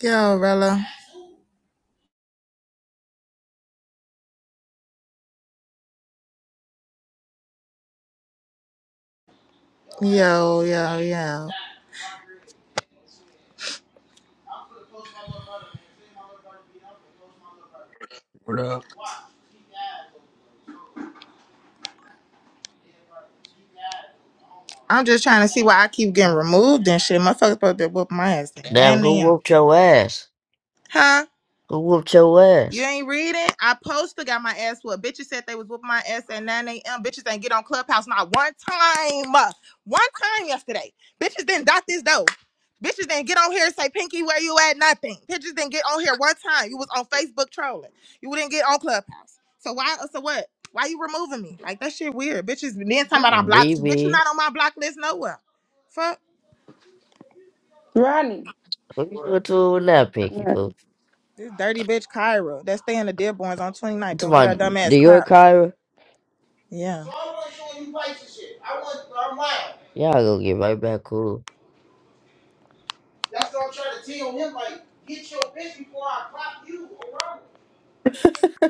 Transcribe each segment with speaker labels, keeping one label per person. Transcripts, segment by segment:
Speaker 1: Yo, Rella. Yo, yo, yo.
Speaker 2: Word up.
Speaker 1: I'm just trying to see why I keep getting removed and shit. Motherfuckers supposed to whoop my ass.
Speaker 3: Damn, who
Speaker 1: Damn.
Speaker 3: whooped your ass?
Speaker 1: Huh?
Speaker 3: Who whooped your
Speaker 1: You
Speaker 3: ass?
Speaker 1: ain't reading. I posted, got my ass whooped. Bitches said they was whooping my ass at 9 a.m. Bitches ain't get on Clubhouse not one time. One time yesterday. Bitches didn't dot this though. Bitches didn't get on here and say, Pinky, where you at? Nothing. Bitches didn't get on here one time. You was on Facebook trolling. You didn't get on Clubhouse. So why, so what? Why you removing me? Like, that shit weird. Bitches, then talking about I blocked you. Bitch, you
Speaker 3: Maybe
Speaker 1: not on my block list nowhere. Fuck.
Speaker 4: Ronnie.
Speaker 3: Who you went to with that pinky
Speaker 4: Yeah.
Speaker 3: fool?
Speaker 1: This dirty bitch Kyra that stay in the Dearborns on 29th
Speaker 3: To
Speaker 1: gonna get
Speaker 3: my
Speaker 1: her dumb
Speaker 3: New
Speaker 1: ass
Speaker 3: York
Speaker 1: clapped.
Speaker 3: Kyra?
Speaker 1: Yeah.
Speaker 3: Y'all gonna get right back cool.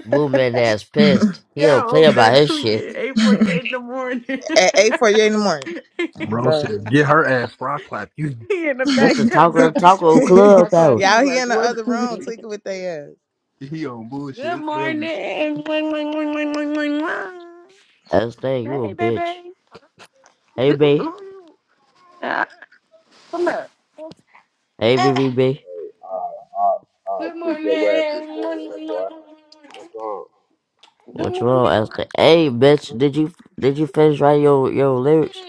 Speaker 3: Movement ass pissed. He don't
Speaker 4: Y'all
Speaker 3: play
Speaker 4: over there
Speaker 3: about his shit.
Speaker 4: tweaking eight forty eight in the morning.
Speaker 1: At eight forty eight in the morning.
Speaker 4: he
Speaker 1: Um,
Speaker 2: Bro
Speaker 1: bro.
Speaker 2: said, get her ass rock clap. You
Speaker 4: in the
Speaker 3: That's
Speaker 4: back
Speaker 3: the
Speaker 4: tub
Speaker 3: talk of
Speaker 4: now.
Speaker 3: the
Speaker 4: Get your
Speaker 3: taco
Speaker 4: bitch before I clap
Speaker 3: clubhouse.
Speaker 4: you
Speaker 1: Y'all here
Speaker 4: like
Speaker 1: in the
Speaker 4: what?
Speaker 1: other room tweaking
Speaker 4: Good
Speaker 1: with their ass.
Speaker 2: he on bullshit early.
Speaker 4: morning. Wing, wing, wing, wing, wing, wing, wing.
Speaker 3: That's the thing, you a
Speaker 4: Hey,
Speaker 3: bitch.
Speaker 4: baby.
Speaker 3: Hey B.
Speaker 4: Ah, Come up.
Speaker 3: Hey VVB.
Speaker 5: Hey, Uh, uh, uh,
Speaker 4: Good
Speaker 5: kick
Speaker 4: morning.
Speaker 5: your ass this
Speaker 4: Wing, wing,
Speaker 5: morning,
Speaker 4: wing, wing,
Speaker 5: little
Speaker 4: wing,
Speaker 5: boy. What's wrong?
Speaker 3: What's wrong? That's
Speaker 4: wing.
Speaker 3: the Hey bitch, did you did you finish writing your, your lyrics?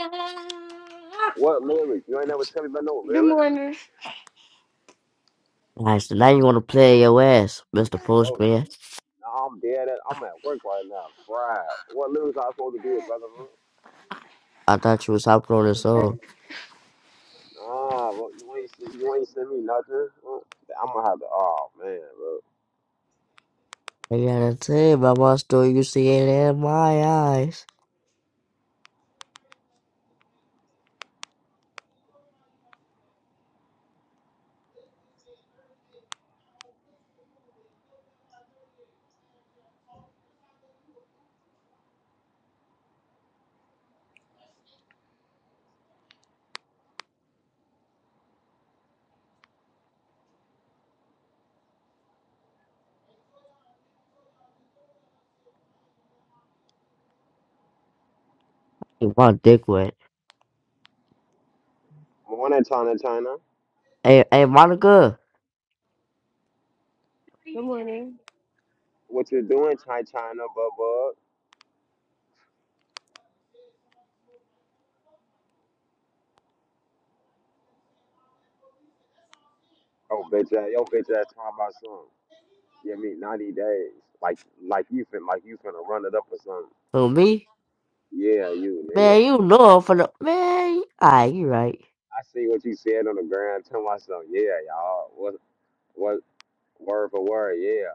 Speaker 5: What lyrics? You ain't never tell me about no
Speaker 4: Good morning. Good
Speaker 5: lyrics?
Speaker 4: morning.
Speaker 3: Nice, so now you wanna play your ass, Mr.
Speaker 5: Oh,
Speaker 3: Postman.
Speaker 5: no, I'm dead. At, I'm at work right now. Fried. What lyrics I supposed to do, brother? Huh?
Speaker 3: I thought you was hopping on this song.
Speaker 5: Nah, bro, you ain't se- you ain't send me nothing. Huh? I'm gonna have to. Oh man, bro.
Speaker 3: I gotta tell my mom still you see it in my eyes. You want dick wet.
Speaker 5: Morning, China, China.
Speaker 3: Hey, hey, Monica,
Speaker 6: Good morning.
Speaker 5: What you doing, China, China, bub, bub? Oh, bitch, ass, yo, bitch, ass talking about something. You mean ninety days? Like, like you fin, like you finna run it up or something?
Speaker 3: who me?
Speaker 5: Yeah, you, nigga.
Speaker 3: Man, you know I'm finna. Man, ah, you right.
Speaker 5: I see what you said on the ground. Tell myself, yeah, y'all. What what word for word, yeah.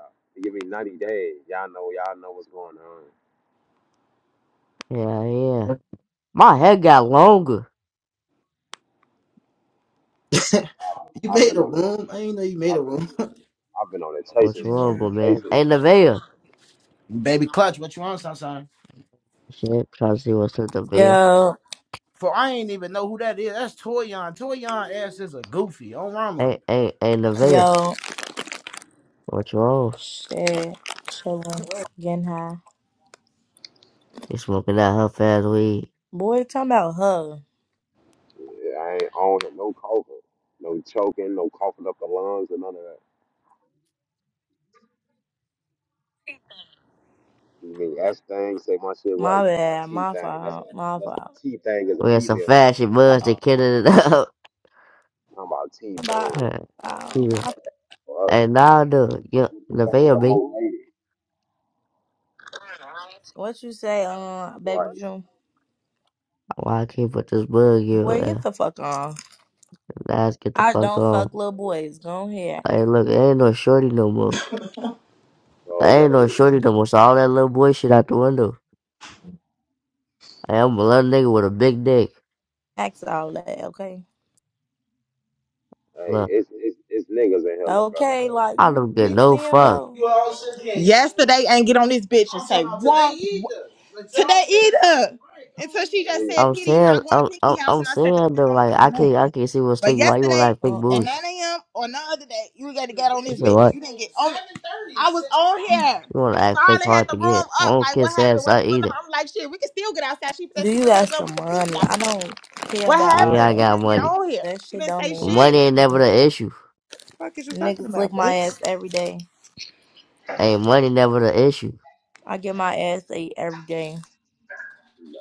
Speaker 5: Give me 90 days. Y'all know y'all know what's going on.
Speaker 3: Yeah, yeah. My hair got longer.
Speaker 7: You
Speaker 5: I've
Speaker 7: made
Speaker 5: been
Speaker 7: a
Speaker 5: on it.
Speaker 7: room. I ain't know you made a
Speaker 5: I've been
Speaker 7: room.
Speaker 5: on it. I've been on it
Speaker 3: What
Speaker 5: chasing
Speaker 3: you want,
Speaker 1: Yeah.
Speaker 5: spree,
Speaker 3: but man?
Speaker 5: chasing
Speaker 3: Hey,
Speaker 5: it.
Speaker 3: Nevaeh.
Speaker 7: Baby Clutch, what you on, son? son?
Speaker 3: Shit, trying to see what's up, Nevaeh.
Speaker 8: Yo,
Speaker 7: For I ain't even know who that is. That's Toyon. Toyon ass is a goofy on Ramu.
Speaker 3: Hey, hey, hey, Nevaeh.
Speaker 8: yo,
Speaker 3: What you want?
Speaker 8: shit, chillin', getting high.
Speaker 3: You smoking that her fast weed.
Speaker 8: Boy, talking about her.
Speaker 5: Yeah, I ain't on it. No coughing. No choking, no coughing up the lungs or none of that. You mean S thing, say my shit right.
Speaker 8: My
Speaker 5: Talking about
Speaker 8: bad,
Speaker 5: T
Speaker 8: my
Speaker 5: thing. That's a
Speaker 8: fault, my
Speaker 5: that's
Speaker 8: fault.
Speaker 5: T thing is a
Speaker 3: We had some
Speaker 5: female thing.
Speaker 3: fashion buds that kidding it up.
Speaker 5: Talking about T
Speaker 8: My
Speaker 5: thing.
Speaker 3: yeah.
Speaker 8: fault.
Speaker 5: Fuck.
Speaker 3: Hey, now, dude, you,
Speaker 5: What the fuck is
Speaker 3: Nevaeh,
Speaker 5: a
Speaker 3: me.
Speaker 5: mo lady?
Speaker 8: What you say, uh, baby
Speaker 5: Right.
Speaker 8: June?
Speaker 3: Why I can't put this bug in your
Speaker 8: Boy, get
Speaker 3: ass?
Speaker 8: the fuck on.
Speaker 3: Let's get the
Speaker 8: I
Speaker 3: fuck
Speaker 8: don't
Speaker 3: off.
Speaker 8: fuck little boys. Go ahead,
Speaker 3: I ain't look, I ain't no shorty no more.
Speaker 5: Y'all
Speaker 3: I ain't no
Speaker 5: better
Speaker 3: shorty no more. So all that little boy shit out the window. I am a little nigga with a big dick.
Speaker 8: ask all that, okay?
Speaker 5: Hey,
Speaker 3: Look,
Speaker 5: it's it's it's niggas in hella
Speaker 8: Okay,
Speaker 5: brotherhood.
Speaker 8: like
Speaker 3: I
Speaker 8: you,
Speaker 3: don't get
Speaker 8: you
Speaker 3: no
Speaker 8: see him
Speaker 3: fuck.
Speaker 8: though.
Speaker 1: Yesterday ain't get on this bitch and say one today either. Right, Until she just
Speaker 5: Yeah.
Speaker 1: said,
Speaker 3: I'm
Speaker 1: Peter, you
Speaker 3: saying,
Speaker 1: not going to
Speaker 3: I'm,
Speaker 1: Pinky
Speaker 3: I'm,
Speaker 1: House
Speaker 3: I'm
Speaker 1: and I said that
Speaker 3: saying
Speaker 1: bitch
Speaker 3: though,
Speaker 1: don't
Speaker 3: like
Speaker 1: say
Speaker 3: I
Speaker 1: my name.
Speaker 3: can't, I can't see what's
Speaker 1: But
Speaker 3: thinking. Why you wanna
Speaker 1: yesterday
Speaker 3: act fake
Speaker 8: Uh
Speaker 1: at
Speaker 8: uh
Speaker 3: bougie?
Speaker 1: 9 a.m. or no other day, you got to get on
Speaker 3: I
Speaker 1: this
Speaker 3: said
Speaker 1: bitch.
Speaker 3: what?
Speaker 1: You didn't get on. it. I was on here.
Speaker 3: You wanna act fake
Speaker 1: Scarlett had
Speaker 3: hard
Speaker 1: the
Speaker 3: to
Speaker 1: room
Speaker 3: get? I
Speaker 1: up.
Speaker 3: don't
Speaker 1: Like, what
Speaker 3: kiss
Speaker 1: happened?
Speaker 3: ass.
Speaker 1: What's
Speaker 3: I
Speaker 1: going
Speaker 3: eat it.
Speaker 1: on? I'm like, shit, we can still get outside. She said
Speaker 8: Do
Speaker 1: she
Speaker 8: you
Speaker 1: bring her
Speaker 8: got
Speaker 1: gun. We
Speaker 8: some
Speaker 1: can still get
Speaker 8: money? I
Speaker 1: outside.
Speaker 8: don't care
Speaker 1: What
Speaker 8: about
Speaker 3: Yeah,
Speaker 8: all
Speaker 1: happened?
Speaker 3: I
Speaker 1: You
Speaker 8: that.
Speaker 3: got
Speaker 1: didn't get
Speaker 3: money.
Speaker 1: on here.
Speaker 8: That
Speaker 1: You
Speaker 8: shit
Speaker 1: didn't
Speaker 8: don't
Speaker 1: say
Speaker 8: mean
Speaker 3: Money
Speaker 1: shit.
Speaker 8: shit.
Speaker 3: ain't
Speaker 8: to
Speaker 3: never
Speaker 8: me.
Speaker 3: the issue.
Speaker 1: fuck is you talking
Speaker 8: Niggas lick
Speaker 1: about,
Speaker 8: my ass
Speaker 1: bitch?
Speaker 8: every day.
Speaker 3: Ain't money never the issue.
Speaker 8: I get my ass ate every day.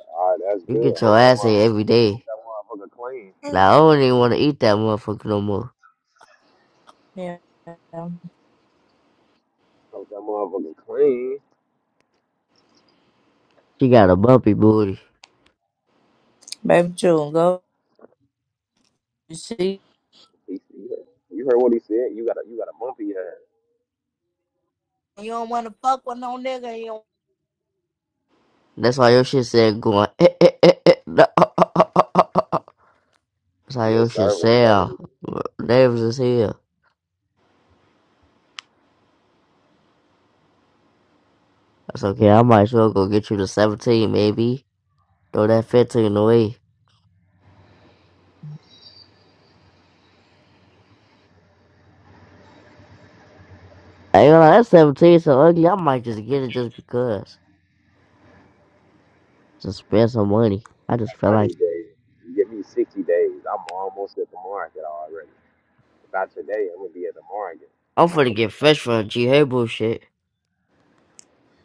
Speaker 5: All right, that's
Speaker 3: You
Speaker 5: good.
Speaker 3: get your
Speaker 5: Hope that
Speaker 3: ass ate
Speaker 5: mother-
Speaker 3: every
Speaker 5: hope
Speaker 3: day.
Speaker 5: that motherfucker clean.
Speaker 3: Now I don't even wanna eat that motherfucker no more.
Speaker 8: Yeah.
Speaker 5: Hope that motherfucker clean.
Speaker 3: She got a bumpy booty.
Speaker 8: Baby June, go. You see,
Speaker 5: He, he, you heard what he said. You got a you got a bumpy ass.
Speaker 8: you don't want to fuck with no nigga. You
Speaker 3: That's why your shit said going. Eh, eh, eh, eh, no, oh, oh, oh, oh, oh, oh, oh. That's how
Speaker 5: Your
Speaker 3: your shit
Speaker 5: server
Speaker 3: sound.
Speaker 5: nervous.
Speaker 3: Davis is here. That's okay. I might as well go get you the 17, maybe. Throw that 15 away. I ain't gonna lie, that 17 so ugly. I might just get it just because. Just spend some money. I just feel like
Speaker 5: Ninety days. You give me sixty days. I'm almost at the market already. By today, I'm gonna be at the market.
Speaker 3: I'm
Speaker 5: I'm
Speaker 3: finna
Speaker 5: from
Speaker 3: get fresh for a G Hey bullshit.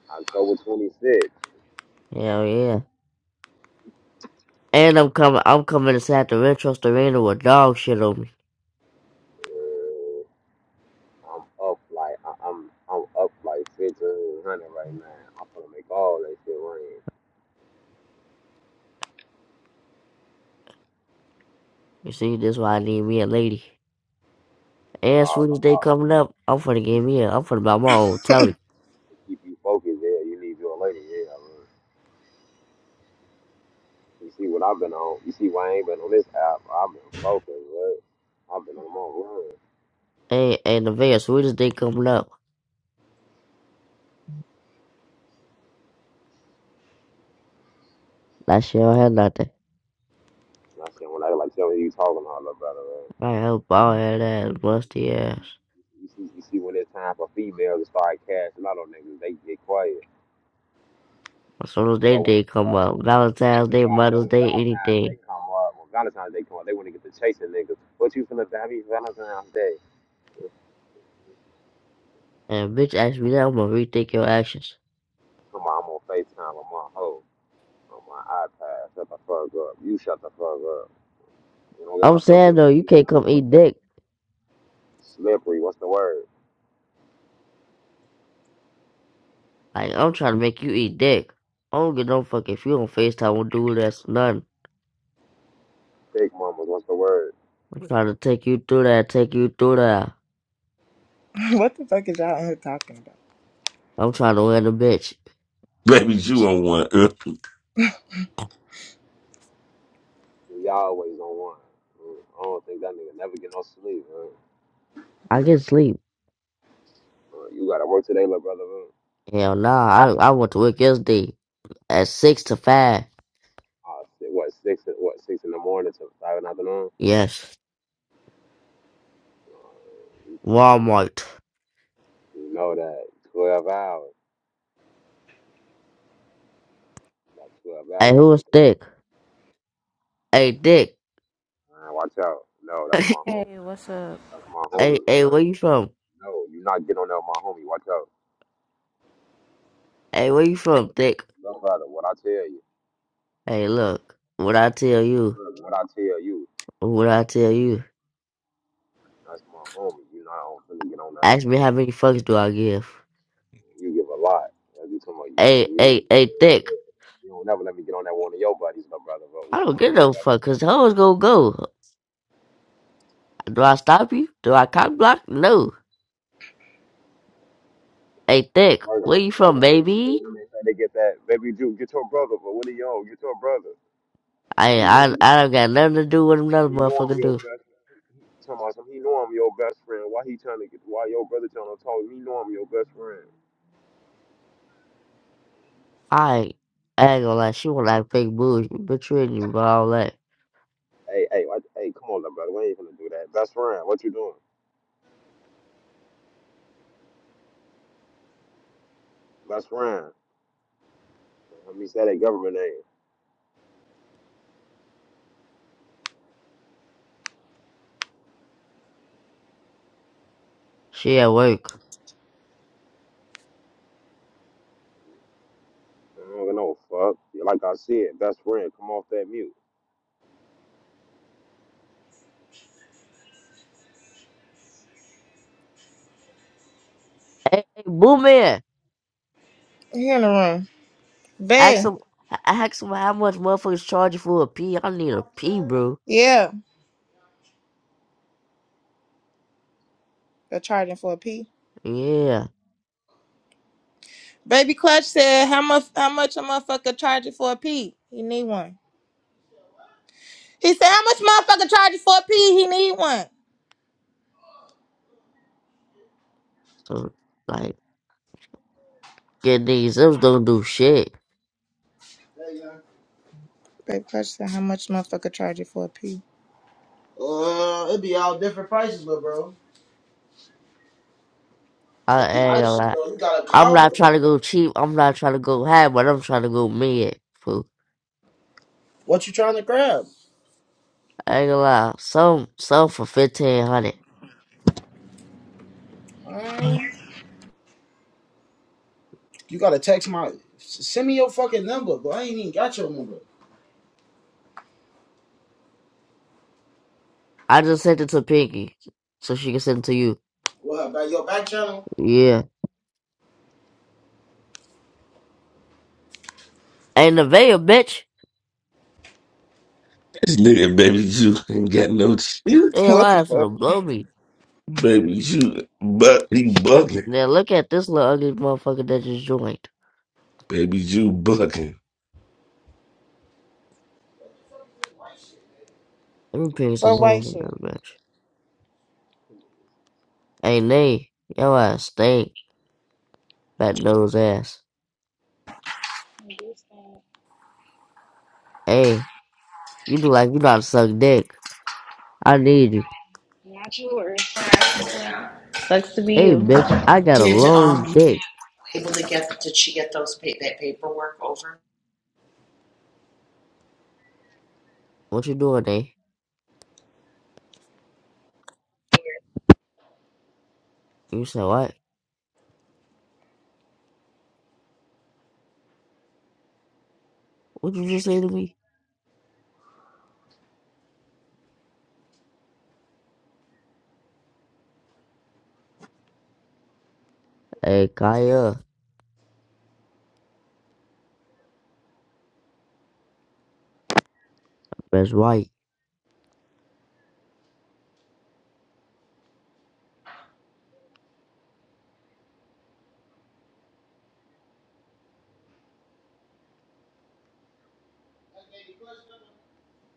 Speaker 5: October 26th.
Speaker 3: Hell yeah. And I'm coming. I'm coming inside the retro arena with dog shit on me.
Speaker 5: Uh, I'm up like I, I'm I'm up like 1500 right now. I'm gonna make all that shit rain.
Speaker 3: You see, this why I need me a lady. And
Speaker 5: All,
Speaker 3: Sweetest Day
Speaker 5: all
Speaker 3: coming up, I'm
Speaker 5: They
Speaker 3: finna get
Speaker 5: keep
Speaker 3: me
Speaker 5: you,
Speaker 3: up. I'm finna buy my
Speaker 5: they
Speaker 3: own
Speaker 5: keep you,
Speaker 3: telly.
Speaker 5: they keep you focused. Yeah, you need your lady. Yeah, I mean, you see what I've been on. You see why I ain't been on this app. I've been focused. Right? I've been on my run.
Speaker 3: And, and the van, Sweetest Day coming up. That shit don't have nothing.
Speaker 5: And I said when I like telling you you talking all about it. Right?
Speaker 3: I help all had ass, musty ass.
Speaker 5: You see, you see when it's time for females to start cashing out on niggas, they get quiet.
Speaker 3: As soon as they
Speaker 5: Go when
Speaker 3: day come up, Valentine's Day, Mother's Day,
Speaker 5: Valentine's they
Speaker 3: anything.
Speaker 5: come up, when Valentine's they come up, they want to get to chasing niggas. What you finna do? Happy Valentine's Day.
Speaker 3: And bitch ask me that, I'm gonna rethink your actions.
Speaker 5: Come on, I'm on FaceTime with my hoe. on my iPad. Shut the fuck up. You shut the fuck up. You don't get
Speaker 3: I'm
Speaker 5: no
Speaker 3: saying
Speaker 5: fucking
Speaker 3: though, you can't come eat dick.
Speaker 5: slippery. What's the word?
Speaker 3: Like, I'm trying to make you eat dick. I don't give no fuck if you don't FaceTime with dude that's nothing.
Speaker 5: Big mamas. What's the word?
Speaker 3: I'm trying to take you through that, take you through that.
Speaker 1: what the fuck is y'all in here talking about?
Speaker 3: I'm trying to win the bitch.
Speaker 9: Baby Jew on one. uh,
Speaker 5: You all always on one. Mm, I don't think that nigga never get no sleep. huh?
Speaker 3: I can sleep.
Speaker 5: Uh, you gotta work today, little brother. huh?
Speaker 3: Hell nah, I I went to work yesterday at six to five.
Speaker 5: Uh, si- what six? What six in the morning to five in the afternoon?
Speaker 3: Yes,
Speaker 5: Uh, you, uh,
Speaker 3: Walmart.
Speaker 5: yeah. you know that twelve hours. That twelve hour
Speaker 3: Hey, who is
Speaker 5: checking.
Speaker 3: Dick? Hey, Dick.
Speaker 5: Man, watch out. No, that's
Speaker 3: hey,
Speaker 5: my homie.
Speaker 10: Hey, what's up?
Speaker 5: That's my homie.
Speaker 3: hey,
Speaker 5: No,
Speaker 3: where you from?
Speaker 5: no, you not get on that, my homie. Watch out.
Speaker 3: Hey, where you from, Dick?
Speaker 5: Look, brother, what I tell you,
Speaker 3: Hey, look, what I tell you,
Speaker 5: look, what I tell you,
Speaker 3: what I tell you.
Speaker 5: that's my homie. You know, I don't really get on that.
Speaker 3: Ask me how many fucks do I give?
Speaker 5: You give a lot. That's you talking about you.
Speaker 3: Hey,
Speaker 5: You,
Speaker 3: hey, hey, Dick.
Speaker 5: you don't never let me get on that one of your buddies, though, brother, but
Speaker 3: I
Speaker 5: one
Speaker 3: don't
Speaker 5: one of
Speaker 3: give
Speaker 5: your
Speaker 3: no
Speaker 5: buddies.
Speaker 3: fuck, cause hoes gonna go. Do I stop you? Do I cock block? No. Hey, Dick,
Speaker 5: First,
Speaker 3: where you
Speaker 5: first
Speaker 3: from,
Speaker 5: thing
Speaker 3: baby?
Speaker 5: they say, they get that, baby Jew, get your brother, but what are you Get your brother.
Speaker 3: I
Speaker 5: He know,
Speaker 3: I I don't got nothing to do with another
Speaker 5: he know I'm
Speaker 3: motherfucker
Speaker 5: your
Speaker 3: do.
Speaker 5: best Talking about something, he know I'm your best friend. Why he trying to get? Why your brother trying to talk? He know I'm your best friend.
Speaker 3: I ain't gonna lie, she want to act fake bougie. Bitch, you ain't even all that.
Speaker 5: Hey, hey, what- hey, come on, little brother. We ain't gonna do that. Best friend, what you doing? Best friend. Let me say that government name.
Speaker 3: She at work.
Speaker 5: I don't give no fuck. Like I said, best friend, come off that mute.
Speaker 3: Hey, hey boo man,
Speaker 1: Here in the room.
Speaker 3: ask
Speaker 1: Babe.
Speaker 3: him, ask him how much motherfuckers charging for a pee. I need a pee, bro.
Speaker 1: Yeah. They're charging for a pee.
Speaker 3: Yeah.
Speaker 1: Baby Clutch said, how much how much a motherfucker charging for a pee? He need one. He said, "How much motherfucker charge you for a pee? He need one."
Speaker 3: So, like, get these zips don't do shit.
Speaker 1: Baby Clutch said, "How much motherfucker charge you for a pee?
Speaker 3: I ain't gonna lie. I'm not trying to go cheap. I'm not trying to go high, but I'm trying to go mid. Fool. I ain't gonna lie. Some, some for 1500 I just sent it to Pinky, so she can send it to you. Yeah. Ain't the veil, bitch.
Speaker 9: This nigga, baby Jew, ain't got no
Speaker 3: Damn,
Speaker 9: chance.
Speaker 1: what
Speaker 3: I
Speaker 1: the
Speaker 3: have to
Speaker 1: fuck?
Speaker 3: blow me.
Speaker 9: Baby Jew, but he bugging.
Speaker 3: Now look at this little ugly motherfucker that just joined.
Speaker 9: Baby Jew bugging.
Speaker 3: Let me ping some
Speaker 1: For
Speaker 3: hoes
Speaker 1: white
Speaker 3: in
Speaker 1: shit?
Speaker 3: this bitch. Hey, Nay, your ass stink. Fat nose ass. Hey, you look like you know how to suck dick. I need you.
Speaker 11: Natural or
Speaker 3: Hey, bitch, I got a
Speaker 11: Did um
Speaker 3: long
Speaker 11: you
Speaker 3: dick.
Speaker 11: able to get did she get those pa- that paperwork over?
Speaker 3: What you doing, Nay? You said what? What you just say to me? Hey, Kaya, that's right.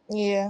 Speaker 1: Yeah.